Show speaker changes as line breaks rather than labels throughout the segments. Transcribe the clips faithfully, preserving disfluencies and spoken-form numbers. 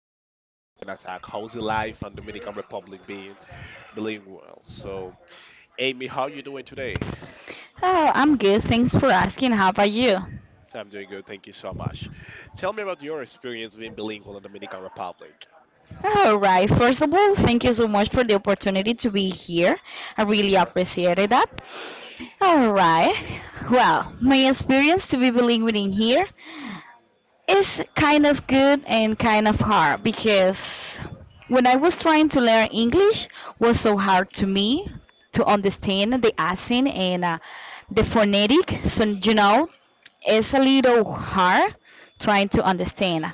and we're basically gonna talk how's the life in Dominican Republic being bilingual. So, Amy, how you doing today?
Oh, I'm good. Thanks for asking. How about you?
I'm doing good. Thank you so much. Tell me about your experience being bilingual in Dominican Republic.
All right. First of all, thank you so much for the opportunity to be here. I really appreciated that. All right. Well, my experience to be bilingual in here. It's kind of good and kind of hard because when I was trying to learn English was so hard to me to understand the accent and uh, the phonetic. So you know, it's a little hard trying to understand,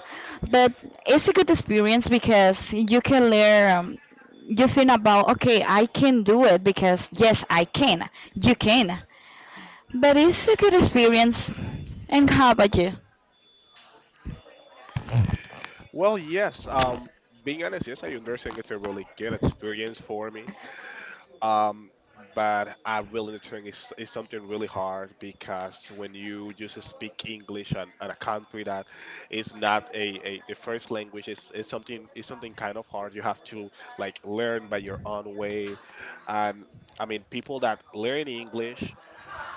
but it's a good experience because you can learn. Um, you think about okay, I can do it because yes, I can. You can, but it's a good experience. And how about you?
Well, yes. Um, being honest, yes, I understand it's a really good experience for me. Um, but I really think it's, it's something really hard because when you just speak English and, and a country that is not a, a the first language is, is something is something kind of hard. You have to like learn by your own way, and I mean people that learn English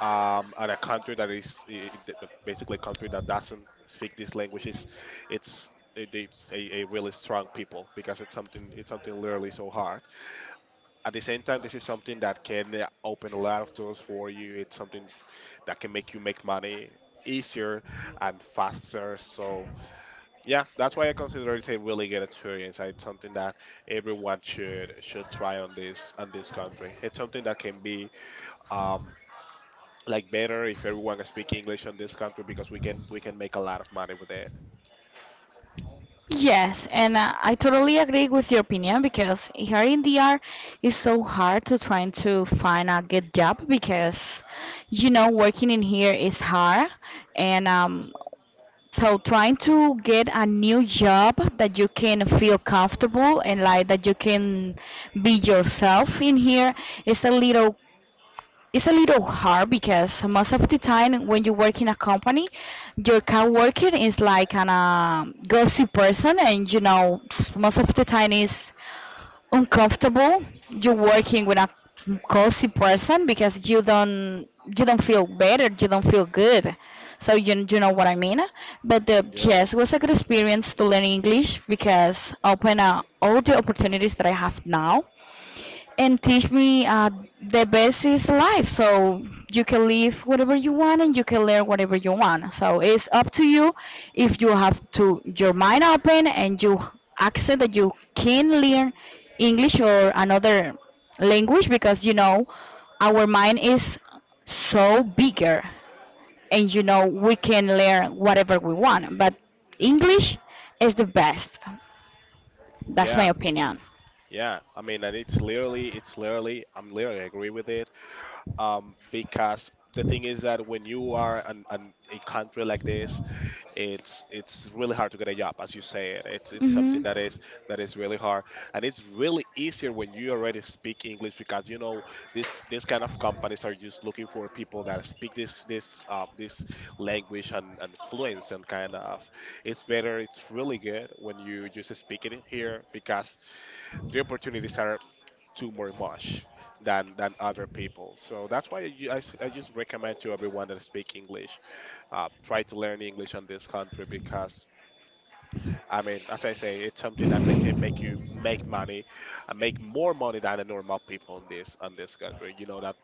um and a country that is i- i- th- basically a country that doesn't speak this language is it's it- it's a, a really strong people because it's something it's something literally so hard at the same time, this is something that can uh, open a lot of doors for you. It's something that can make you make money easier and faster. So yeah, that's why I consider it a really good experience. It's something that everyone should should try on this on this country. It's something that can be um like better if everyone can speak English on this country because we can we can make a lot of money with it.
Yes, and uh, I totally agree with your opinion because here in D R it's so hard to trying to find a good job because you know working in here is hard, and um so trying to get a new job that you can feel comfortable and like that you can be yourself in here is a little it's a little hard because most of the time when you work in a company, your coworker is like an um, gossip person, and you know s- most of the time is uncomfortable. You're working with a gossip person because you don't you don't feel better, you don't feel good. So you you know what I mean. But uh,
Yeah.
yes, it was a good experience to learn English because open uh, all the opportunities that I have now and teach me uh, the best is life. So you can live whatever you want and you can learn whatever you want. So it's up to you if you have to your mind open and you accept that you can learn English or another language because you know our mind is so bigger, and you know we can learn whatever we want. But English is the best. That's my
Yeah,
opinion.
yeah. I mean, and it's literally, it's literally, I'm literally agree with it. um, because the thing is that when you are an, an, a country like this, it's it's really hard to get a job, as you said. It's it's something
Hmm.
that is that is really hard, and it's really easier when you already speak English because you know this this kind of companies are just looking for people that speak this this um, this language and, and fluence and kind of. It's better. It's really good when you just speak it here because the opportunities are too more much than than other people. So that's why I, ju- just recommend to everyone that speak English, uh, try to learn English on this country because I mean, as I say, it's something that ma- can make you make money, and make more money than the normal people in this on this country. You know that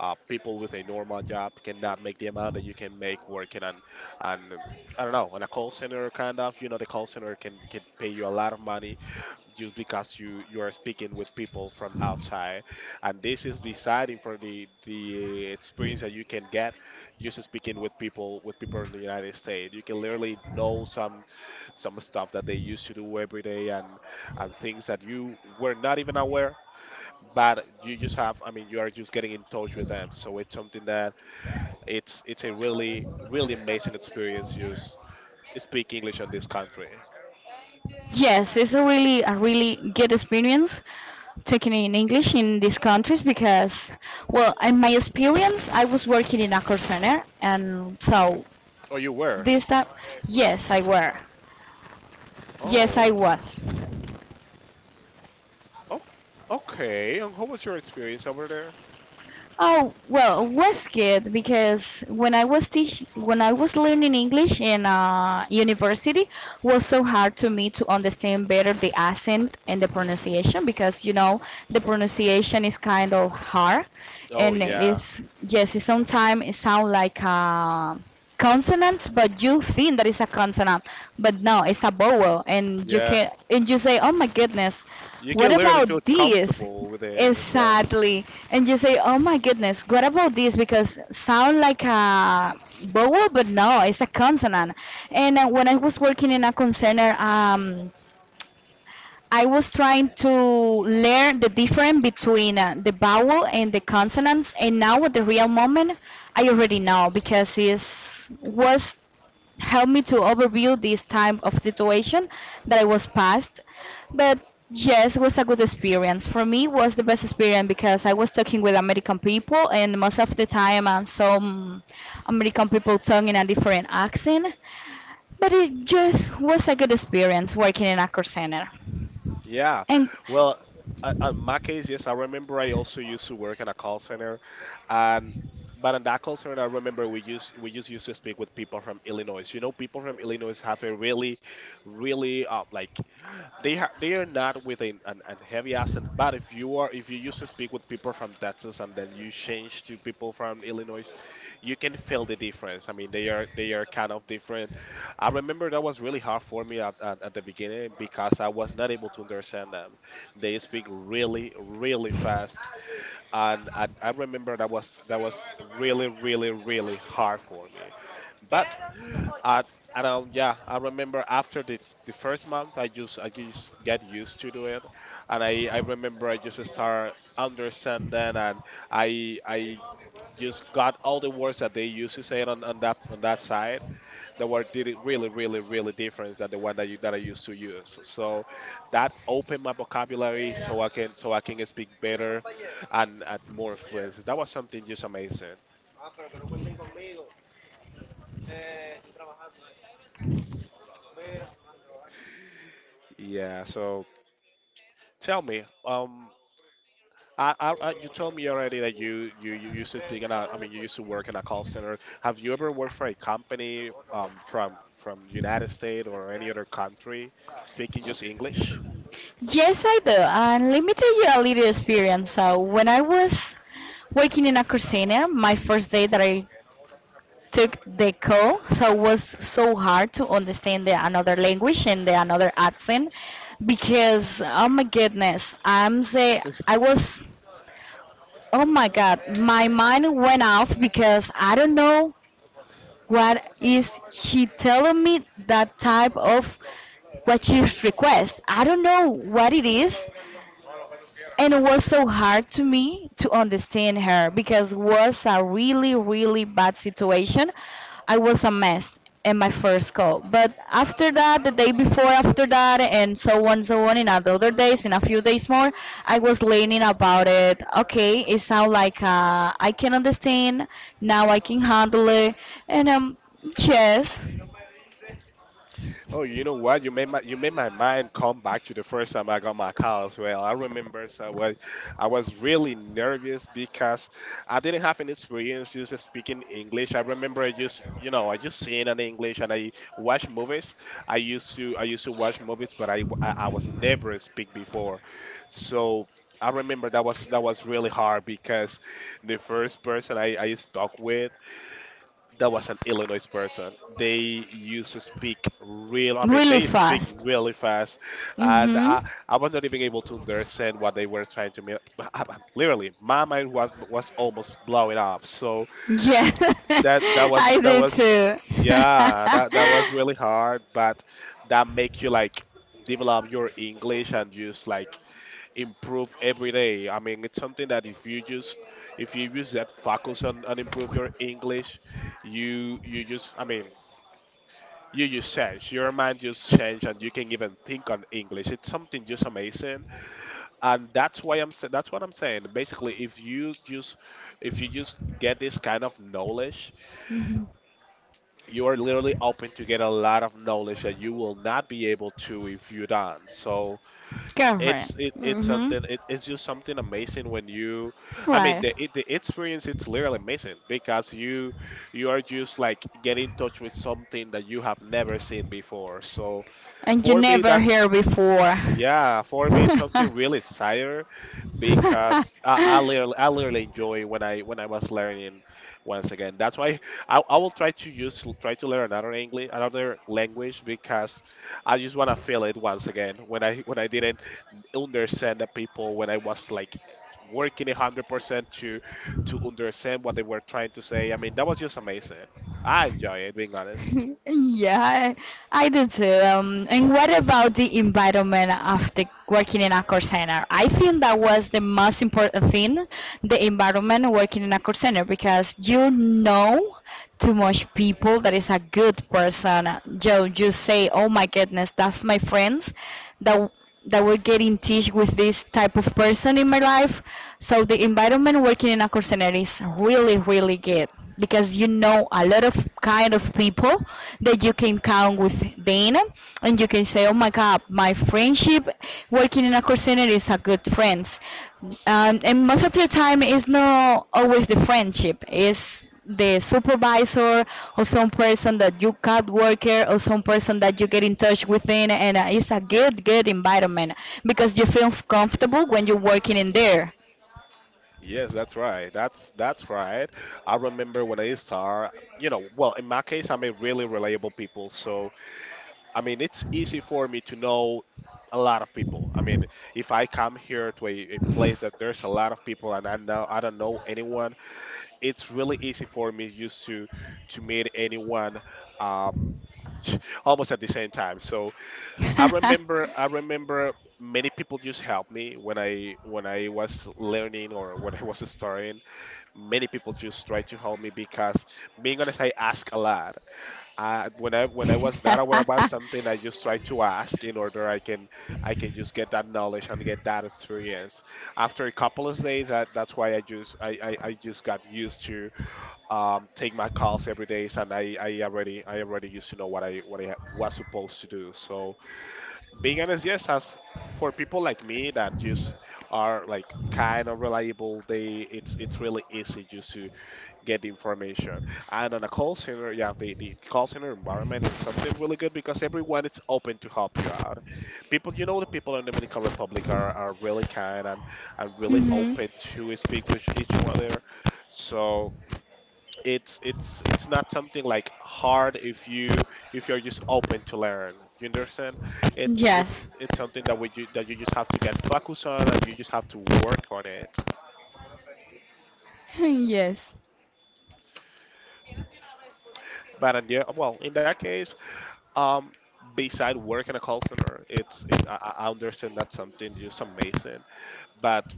uh, people with a normal job cannot make the amount that you can make working on on I don't know, on a call center kind of, you know, the call center can can pay you a lot of money just because you you are speaking with people from outside, and this is deciding for the the experience that you can get just speaking with people with people in the United States. You can literally know some some stuff that they used to do every day and and things that you were not even aware but you just have I mean you are just getting in touch with them so it's something that it's it's a really really amazing experience just speak english in this country
Yes, it's a really a really good experience taking in English in these countries because, well, in my experience, I was working in a call center, and so
or you were
this time, yes, I were, yes, I
oh
was.
Oh, okay. And how was your experience over there?
Oh well, was good because when I was teach when I was learning English in uh, university was so hard to me to understand better the accent and the pronunciation because you know the pronunciation is kind of hard,
Oh,
and
yeah,
it's, yes, it sometimes it sounds like a consonant, but you think that it's a consonant, but no, it's a vowel. And you
yeah.
can, and you say, oh my goodness,
You can
what
literally feel
about this?
comfortable with it. Yeah,
Exactly. And you say, oh my goodness, what about this? Because sound like a vowel, but no, it's a consonant. And uh, when I was working in a concerner, um, I was trying to learn the difference between uh, the vowel and the consonants. And now at the real moment, I already know because it was helped me to overview this time of situation that I was past. But yes, it was a good experience. For me, it was the best experience because I was talking with American people, and most of the time, and some American people talking in a different accent. But it just was a good experience working in a call center.
yeah.
And
Well, uh, on my case, yes, I remember I also used to work in a call center, and but in that call center, I remember we used we just used to speak with people from Illinois. You know, people from Illinois have a really, really uh, like they are they are not with an, an, an heavy accent, but if you are if you used to speak with people from Texas and then you change to people from Illinois, you can feel the difference. I mean, they are they are kind of different. I remember that was really hard for me at, at, at the beginning because I was not able to understand them. They speak really really fast, and, and I remember that was that was really really really hard for me. But I I don't yeah, I remember after the the first month I just I just get used to do it and I I remember I just start understanding and I I just got all the words that they used to say it on, on that on that side. The word did it really really really different than the one that you that I used to use, so that opened my vocabulary so I can so I can speak better and at more fluency. That was something just amazing. Yeah, so tell me um I, I, I, you told me already that you, you, you used to speak in a, I mean, you used to work in a call center. Have you ever worked for a company um, from from United States or any other country speaking just English?
yes, I do. And let me tell you a little experience. So when I was working in a call center, my first day that I took the call, so it was so hard to understand the another language and the another accent because oh my goodness, I'm say, I was, oh my god, my mind went off because I don't know what is she telling me, that type of, what she request. I don't know what it is, and it was so hard to me to understand her because it was a really, really bad situation. I was a mess in my first call. But after that, the day before, after that, and so on, so on, in other days, in a few days more, I was learning about it. Okay, it sounds like uh, I can understand, now I can handle it. And um, yes,
Oh, you know what? You made my you made my mind come back to the first time I got my car as well. I remember so I was, I was really nervous because I didn't have any experience just speaking English. I remember I just you know I just sing in English and I watch movies. I used to I used to watch movies, but I I, I was never speak before. So I remember that was that was really hard because the first person I, I spoke with that was an Illinois person. They used to speak real, I mean,
really
they speak
fast.
really fast, and
Mm-hmm.
I, I was not even able to understand what they were trying to mean. Literally, my mind was was almost blowing up. So
Yeah,
that that was
I
that
do
was yeah,
too.
that that was really hard, but that make you like develop your English and just like improve every day. I mean, it's something that if you just if you use that focus on, and improve your English, you you just I mean you just change your mind just change and you can even think on english. It's something just amazing, and that's why i'm sa- that's what I'm saying. Basically, if you just if you just get this kind of knowledge,
Mhm.
you are literally open to get a lot of knowledge that you will not be able to if you don't. So
Girlfriend.
it's it, it's
Hmm.
something it, it's just something amazing when you I mean the,
Right.
it, the experience it's literally amazing because you you are just like get in touch with something that you have never seen before. So
And you
for me
never hear
that's
before.
yeah for me it's something really exciting because I, I literally I literally enjoy when i when I was learning. Once again, that's why i, I will try to use try to learn another english another language because I just want to feel it once again when I when I didn't understand the people when I was like working a hundred percent to to understand what they were trying to say. I mean, that was just amazing. I enjoy it, being honest.
Yeah, I do too. Um, and what about the environment after working in a call center? I think that was the most important thing, the environment working in a call center, because you know too much people that is a good person. Joe, you say, oh my goodness, that's my friends that that will get in touch with this type of person in my life. So the environment working in a call center is really, really good because you know a lot of kind of people that you can count with them, and you can say oh my god, my friendship working in a call center is a good friends, um, and most of the time it's not always the friendship, it's the supervisor or some person that you cut worker or some person that you get in touch within, and uh, it's a good good environment because you feel comfortable when you're working in there.
Yes, that's right. That's that's right. I remember when I start, you know, well, in my case, I meet really reliable people. So, I mean, it's easy for me to know a lot of people. I mean, if I come here to a, a place that there's a lot of people and I know I don't know anyone, it's really easy for me just to to meet anyone um, almost at the same time. So I remember I remember many people just helped me when I when I was learning or when I was starting. Many people just tried to help me because being honest, I ask a lot. I, when I when I was not aware about something, I just try to ask in order I can I can just get that knowledge and get that experience. After a couple of days, that, that's why I just I, I, I just got used to um, take my calls every day, and I, I already I already used to know what I what I was supposed to do. So being honest, yes, as for people like me that just are like kind of reliable, they it's it's really easy just to get the information. And on a call center, yeah, the, the call center environment it's something really good because everyone is open to help you out. People, you know, the people in Dominican Republic are, are really kind and, and really
Hmm.
open to speak with each other. So it's it's it's not something like hard if you if you're just open to learn, you understand. It's
Yes.
it's it's something that we ju- that you just have to get focused on, and you just have to work on it.
Yes.
But and Yeah, well, in that case, um beside work in a call center, it's it I, I I understand that's something just amazing. But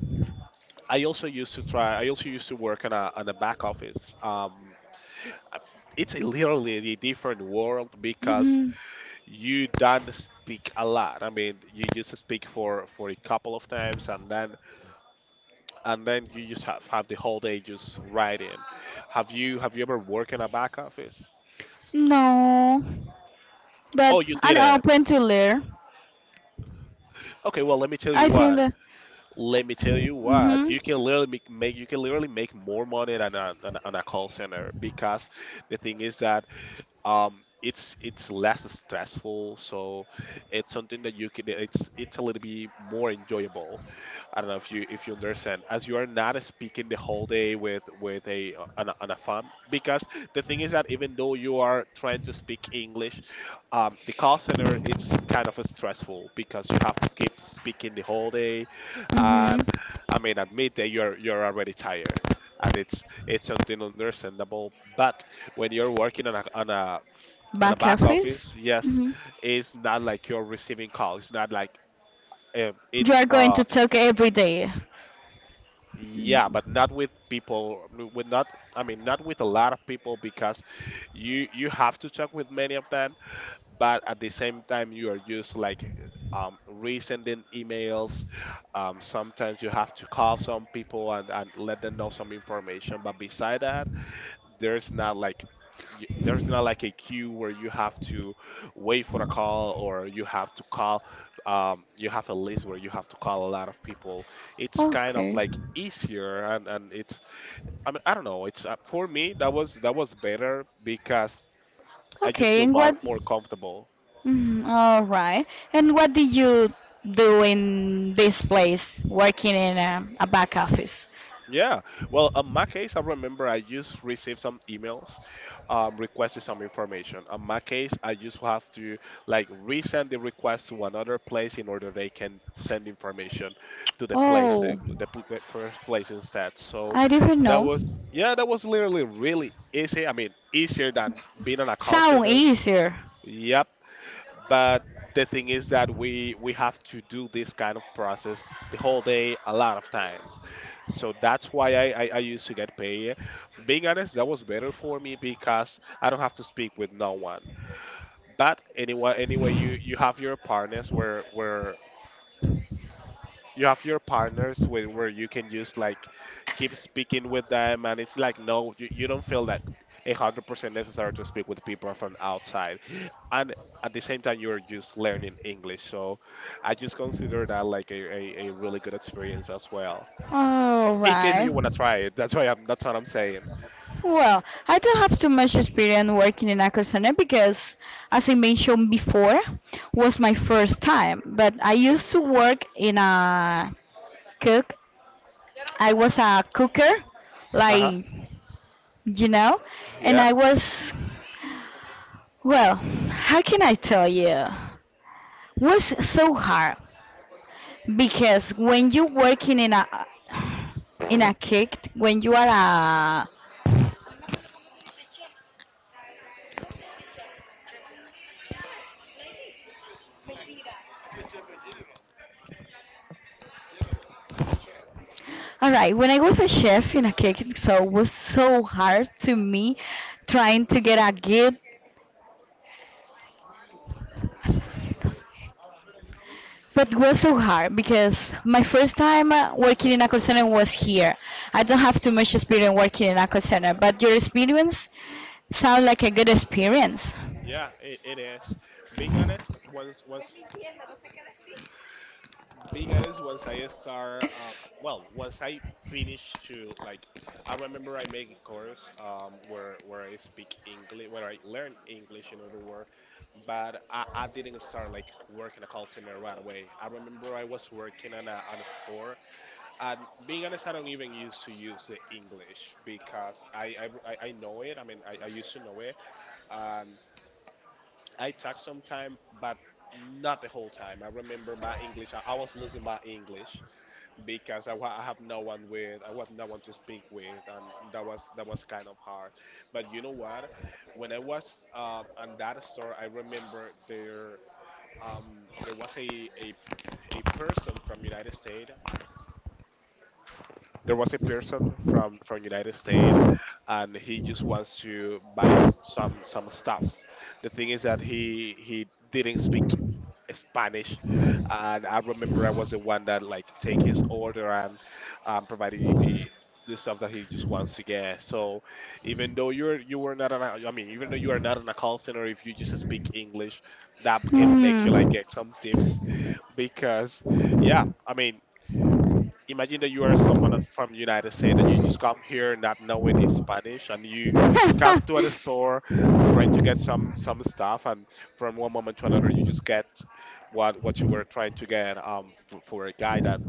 I also used to try I also used to work in a, in a back office. Um it's a literally a different world because
Hmm.
you don't speak a lot. I mean, you just speak for for a couple of times, and then and then you just have, have the whole day just writing. Have you have you ever worked in a back office?
No. But
Oh, you
I'm
didn't.
open to learn.
Okay, well, let me tell you
I think
what.
that.
Let me tell you what.
Hmm.
You can literally make, make you can literally make more money than a, than a- on a call center, because the thing is that, um it's it's less stressful. So it's something that you can, it's it's a little bit more enjoyable. I don't know if you if you understand, as you are not speaking the whole day with with a on a, on a phone. Because the thing is that, even though you are trying to speak English, um, the call center, it's kind of stressful because you have to keep speaking the whole day.
Hmm.
And I mean at midday you're you're already tired, and it's it's something understandable. But when you're working on a on a on a
Back
back
office.
office, yes,
Hmm.
it's not like you're receiving calls. It's not like, um, in
You are going
uh
to talk every day.
yeah, but not with people, with not, I mean not with a lot of people, because you you have to talk with many of them, but at the same time you are used to like, um, resending emails. Um, sometimes you have to call some people and, and let them know some information. But beside that, there's not like y- there's not like a queue where you have to wait for a call, or you have to call, um, you have a list where you have to call a lot of people. It's kind of
Okay.
like easier, and, and it's, I mean I don't know, it's uh, for me that was that was better because I just
Okay.
feel
And
more,
what?
more comfortable.
Mhm. All right. And what did you do in this place, working in a, a back office?
Yeah. Well, in my case, I remember I just received some emails um, requesting some information. In my case, I just have to like resend the request to another place in order they can send information to the place, they-
Oh,
the, pl- the first place instead. So
I didn't
that
know.
was, yeah, that was literally really easy. I mean, easier than being on a call
Sound
center.
easier.
Yep. But the thing is that we we have to do this kind of process the whole day a lot of times, so that's why i i, I used to get paid. Being honest, that was better for me because I don't have to speak with no one. But anyway, anyway you you have your partners where where you have your partners where, where you can just like keep speaking with them, and it's like no, you, you don't feel that one hundred percent necessary to speak with people from outside. And at the same time, you're just learning English. So I just consider that like a, a, a really good experience as well,
All
in case
right.
you want to try it. That's why I'm that's what I'm saying.
Well, I don't have too much experience working in a Aquasana because, as I mentioned before, was my first time. But I used to work in a cook. I was a cooker,
Uh-huh.
like you know, and
Yeah,
I was, well. How can I tell you? Was so hard because when you working in a in a cake, when you are a, all right, when I was a chef in a cooking show was so hard to me trying to get a good but was so hard because my first time uh, working in a call center was here. I don't have too much experience working in a call center, but your experience sounds like a good experience.
yeah, it, it is. Being honest, once once being honest, once I start, um, well, once I finish to like, I remember I make a course um, where where I speak English, where I learn English in other words. But I, I didn't start like working a call center right away. I remember I was working on a, on a store. And being honest, I don't even used to use the English because I I, I I know it. I mean, I, I used to know it, and I talk sometime, but not the whole time. I remember my English, I, I was losing my English because I, wa- I have no one with, I was no one to speak with, and that was that was kind of hard. But you know what? When I was um, on that store, I remember there, um, there was a, a a person from United States. There was a person from from United States, And he just wants to buy s- some some stuffs. The thing is that he he didn't speak Spanish, and I remember I was the one that like take his order, and um, provided the the stuff that he just wants to get. So even though you're you were not an I mean even though you are not in a call center, if you just speak English, that can make you like
Hmm.
get some tips. Because, yeah, I mean, imagine that you are someone of- from the United States and you just come here not knowing the Spanish, and you come to a store trying to get some some stuff. And from one moment to another, you just get what what you were trying to get, um f- for a guy that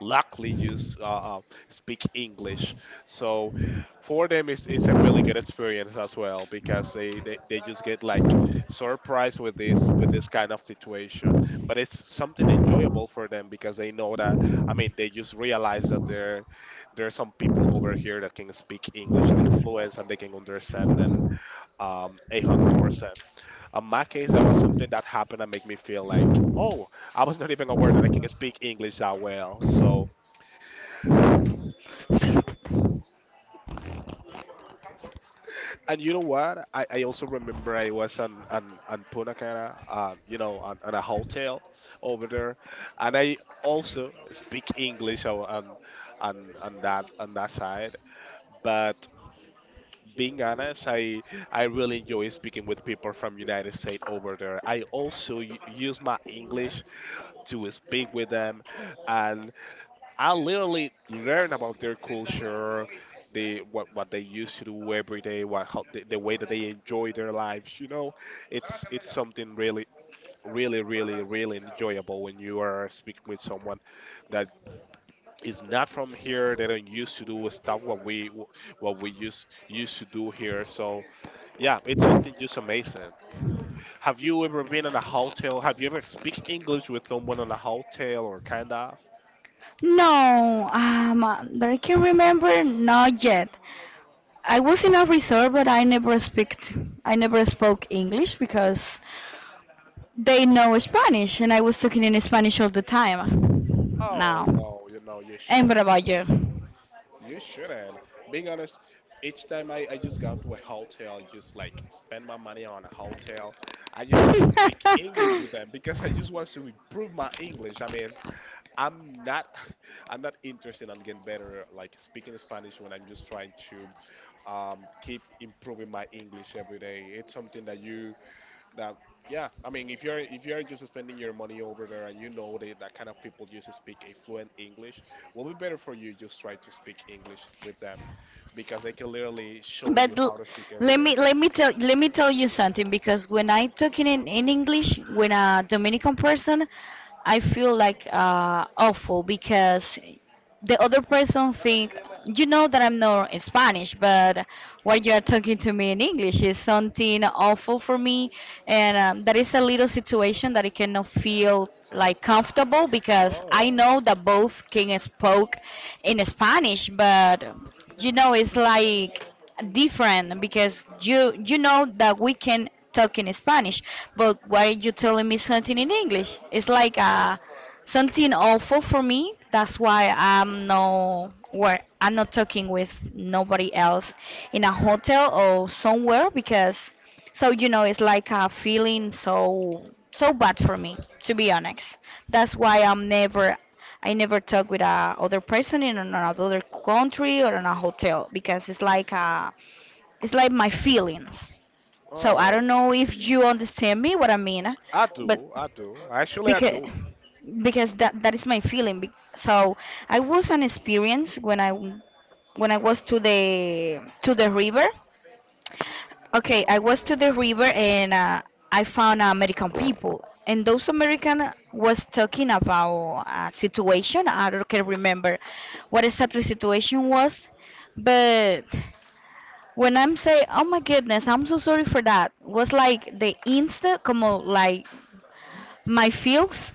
luckily use uh, uh, speak English. So for them, it's, it's a really good experience as well, because they, they, they just get like surprised with this with this kind of situation. But it's something enjoyable for them, because they know that, I mean, they just realize that there there are some people over here that can speak English like fluent, and they can understand them um eight hundred percent. In my case, that was something that happened and make me feel like, oh, I was not even aware that I can speak English that well. So. And you know what? I, I also remember I was on on, on Punta Cana, um, you know, on, on a hotel over there. And I also speak English o- on on on that on that side. But being honest, I I really enjoy speaking with people from United States over there. I also u- use my English to speak with them, and I literally learn about their culture, the what what they used to do every day, what how the, the way that they enjoy their lives. You know, it's it's something really, really, really, really enjoyable when you are speaking with someone that is not from here. They don't used to do stuff what we what we used used to do here. So yeah, it's something just amazing. Have you ever been in a hotel? Have you ever speak English with someone in a hotel or kind of?
No, um, that I can remember, not yet. I was in a resort, but I never speak. I never spoke English because they know Spanish, and I was talking in Spanish all the time.
Oh
Now,
no, you know you
and what
shouldn't.
about you?
You shouldn't. Being honest, each time I, I just got to a hotel, just like spend my money on a hotel, I just try to speak English with them because I just want to improve my English. I mean, I'm not I'm not interested in getting better like speaking Spanish when I'm just trying to um keep improving my English every day. It's something that you that yeah, I mean, if you're if you're just spending your money over there, and you know that that kind of people just speak a fluent English,
fifteen
will
to one
be
hundred.
better for you just
Really
try to speak English with them, because they can literally
it
show you
But l-
how to speak every
let
day.
me let me tell let me tell you something because when I talking in, in English with a Dominican person, I feel like uh, awful because the other person think you know that I'm not Spanish, but what you are talking to me in English is something awful for me, and um, that is a little situation that I cannot feel like comfortable because I
Oh.
know that both can spoke in Spanish, but you know it's like different because you you know that we can talk in Spanish, but why are you telling me something in English? It's like a something awful for me. That's why I'm no where I'm not talking with nobody else in a hotel or somewhere because so you know it's like a feeling so so bad for me, to be honest. That's why I'm never I never talk with a other person in another country or in a hotel because it's like a it's like my feelings. So I don't
Oh,
know if you understand me what I mean,
I do,
but
i do actually, I
because
do.
because that that is my feeling. Be- so I was an experience when i when i was to the to the river, okay, I was to the river and uh, I found American people, and those American was talking about a situation I don't can remember what exactly situation was, but when I'm say oh my goodness I'm so sorry for that, was like the instant como like my feels,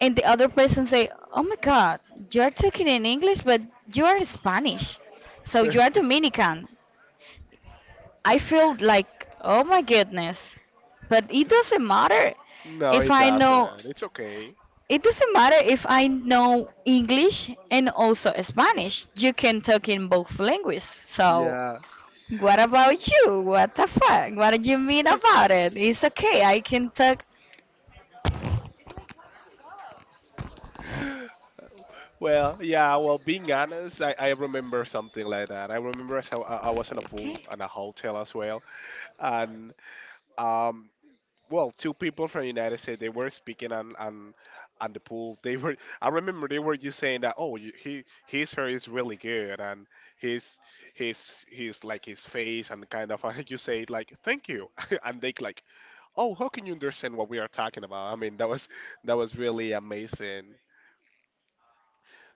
and the other person say, "Oh my God, you are talking in English, but you are Spanish, so you are Dominican." I feel like, "Oh my goodness," but it doesn't matter
No,
if
it
I know.
doesn't, it's okay.
It doesn't matter if I know English and also Spanish. You can talk in both languages. So,
Yeah.
what about you? What the fuck? What do you mean about it? It's okay. I can talk.
Well, yeah. Well, being honest, I, I remember something like that. I remember as I, I I was in a
Okay.
pool and a hotel as well, and um, well, two people from United States, they were speaking on on on the pool. They were I remember they were just saying that, oh you, he, his hair is really good, and his, his his like his face and kind of and you say like thank you and they like, oh how can you understand what we are talking about? I mean that was that was really amazing.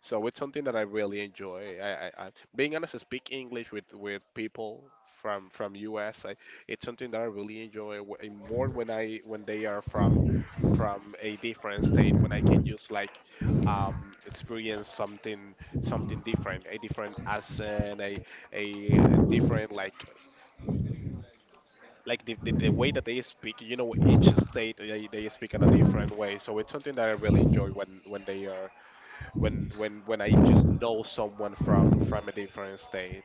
So it's something that I really enjoy. I, I, I Being honest, I speak English with, with people from from U S. It's something that I really enjoy wh- and more when I when they are from from a different state, when I can just like, um, experience something something different, a different accent, a a, a different like like the, the, the way that they speak. You know, each state they, they speak in a different way. So it's something that I really enjoy when when they are when when when I just know someone from from a different state.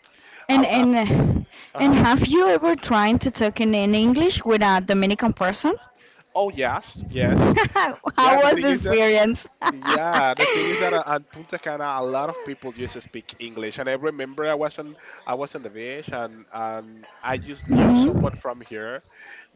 I,
And
I,
and and
uh-huh.
have you ever tried to talk in, in English with a Dominican person?
Oh yes, yes. Yeah,
How
the
was
thing
the
is that
experience?
Yeah, the thing is that uh, at Punta Cana, a lot of people used to speak English. And I remember I was not, I was on the beach, and and I just knew someone
Mhm.
from here.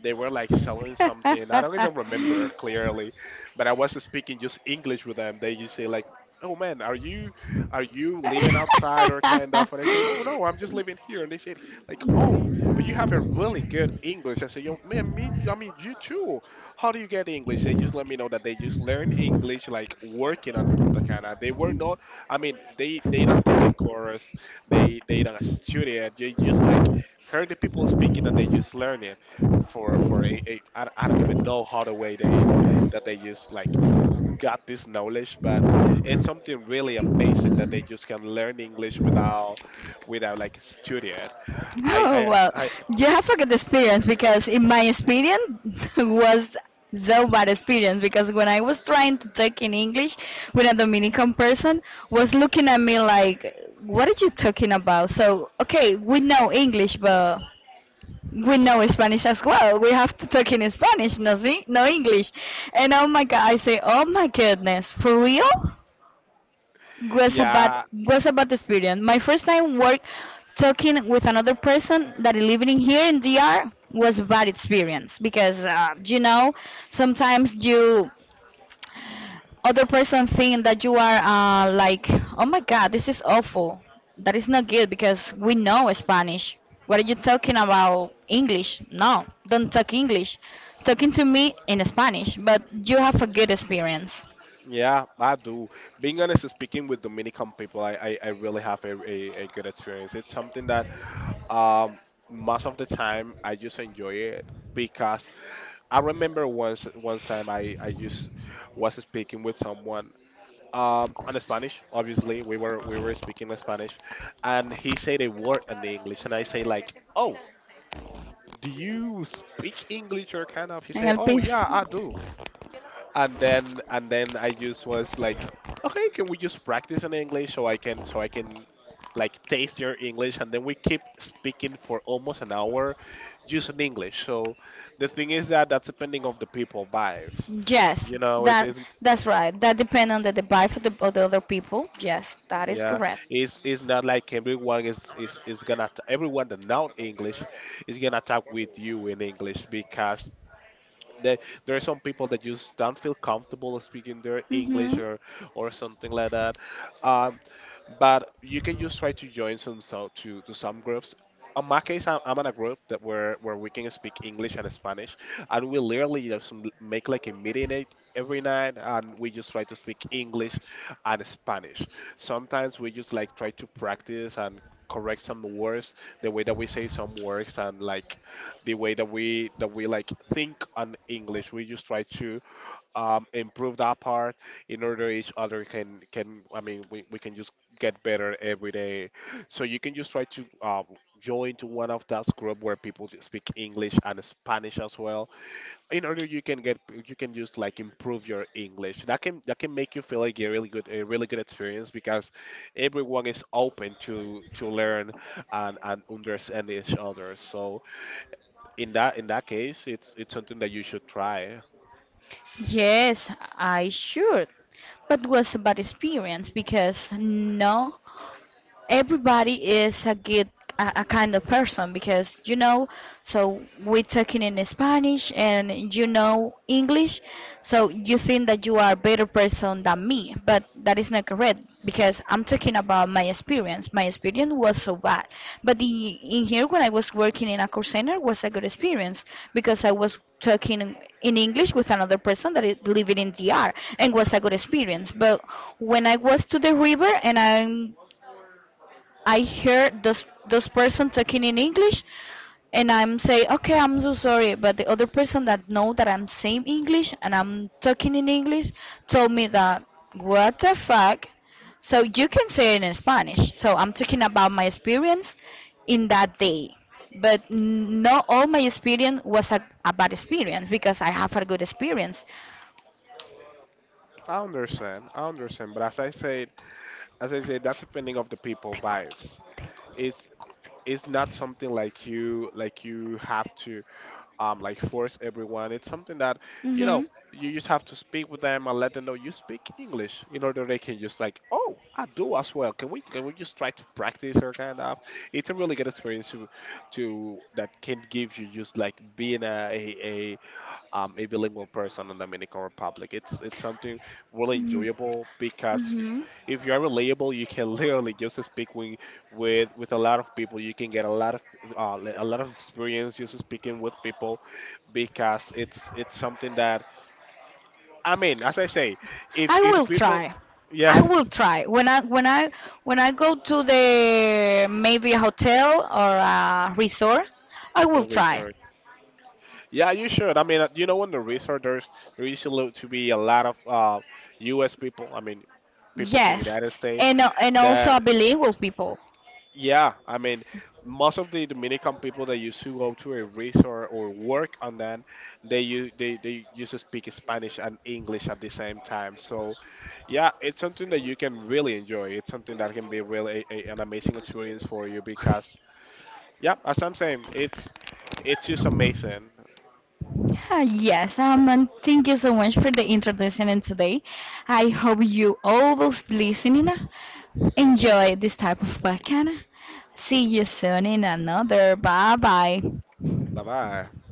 They were like selling something, I don't even remember clearly, but I was speaking just English with them. They just say like, "Oh man, are you are you living outside or kind of?" And I say, "No, no, I'm just living here." And they say like, "Oh, but you have a really good English." I say, "Yo, man, me, I mean you too." How do you get English? They just let me know that they just learn English like working on Punta Cana. They were not, I mean, they they don't take a course, they they don't study it. They just like heard the people speaking and they just learn it for for a, a I, I don't even know how the way they that they just like got this knowledge, but it's something really amazing that they just can learn English without without like studying.
Oh,
I
well,
I I
you have a good experience because in my experience was so bad experience because when I was trying to talk in English with a Dominican person was looking at me like, what are you talking about? So, okay, we know English, but we know Spanish as well. We have to talk in Spanish, no, si- no English. And oh my God, I say, oh my goodness, for real? was a bad
Yeah,
was a bad experience. My first time work talking with another person that is living here in D R was a bad experience because uh, you know sometimes you other person think that you are uh, like oh my god this is awful, that is not good because we know Spanish. What are you talking about English? No, don't talk English. Talking to me in Spanish, but you have a good experience.
yeah, I do. Being honest, speaking with Dominican people, I, I, I really have a, a, a good experience. It's something that um most of the time I just enjoy it because I remember once one time I, I just was speaking with someone um on Spanish. Obviously, we were we were speaking in Spanish, and he said a word in English, and I say like, "Oh, do you speak English or kind of?" He say,
Help
"Oh
us.
yeah, I do." And then and then I just was like, okay, can we just practice in English so I can so I can like taste your English, and then we keep speaking for almost an hour just in English. So the thing is that that's depending of the people vibes.
Yes,
You know, it
that
isn't.
that's right. That depends on the device of the, of the other people. Yes, that is
Yeah,
correct.
it's it's not like everyone is is is gonna t- everyone that know English is gonna talk with you in English because There, there are some people that just don't feel comfortable speaking their English
Mm-hmm.
or or something like that. Um, but you can just try to join some so to to some groups. On my case, I'm, I'm in a group that where where we can speak English and Spanish, and we literally just m- make like a meeting e- every night, and we just try to speak English and Spanish. Sometimes we just like try to practice and correct some words, the way that we say some words, and like the way that we that we like think on English. We just try to um, improve that part in order each other can can I mean we, we can just get better every day. So you can just try to um, join to one of those group where people just speak English and Spanish as well. In order you can get you can just like improve your English. That can that can make you feel like a really good a really good experience because everyone is open to to learn and and understand each other. So in that in that case, it's it's something that you should try.
Yes, I should. But was a bad experience because no. Everybody is a good, a, a kind of person because you know so we're talking in Spanish, and you know English, so you think that you are a better person than me, but that is not correct because I'm talking about my experience. My experience was so bad, but the, in here when I was working in a call center was a good experience because I was talking in English with another person that is living in DR, and was a good experience, but when I was to the river and i I hear this this person talking in English, and I'm say, okay, I'm so sorry, but the other person that know that I'm saying English and I'm talking in English told me that what the fuck. So you can say it in Spanish. So I'm talking about my experience in that day, but n- not all my experience was a, a bad experience because I have a good experience.
I understand, I understand, but as I said, as I said, that's depending of the people vibes. It's it's not something like you like you have to um like force everyone. It's something that you know
Mhm.
you just have to speak with them and let them know you speak English in order they can just like, "Oh, I do as well. Can we can we just try to practice or kind of?" It's a really good experience to to that can give you just like being a a, um, a bilingual person in the Dominican Republic. It's it's something really enjoyable because y-
Mhm.
if you are relatable, you can literally just speak with with, with a lot of people. You can get a lot of uh, li- a lot of experience just speaking with people because it's it's something that I mean, as I say, if
I
if the
will
people,
try. I
yeah.
will try. When I when I when I go to the maybe a hotel or a resort, I will
And
try.
research. Yeah, you should. I mean, uh, you know, in the research, there's there used to lo- to be a lot of uh, U S people. I mean, people from the
Yes,
United States
and uh, and also
that
I believe with people.
yeah, I mean, most of the Dominican people that used to go to a resort or work on that, they use they they used to speak Spanish and English at the same time. So, yeah, it's something that you can really enjoy. It's something that can be really a, a- an amazing experience for you because, yeah, as I'm saying, it's it's just amazing.
Ah, yes, um, and thank you so much for the introduction and today. I hope you all those listening uh, enjoy this type of podcast. See you soon in another. Bye bye.
Bye bye.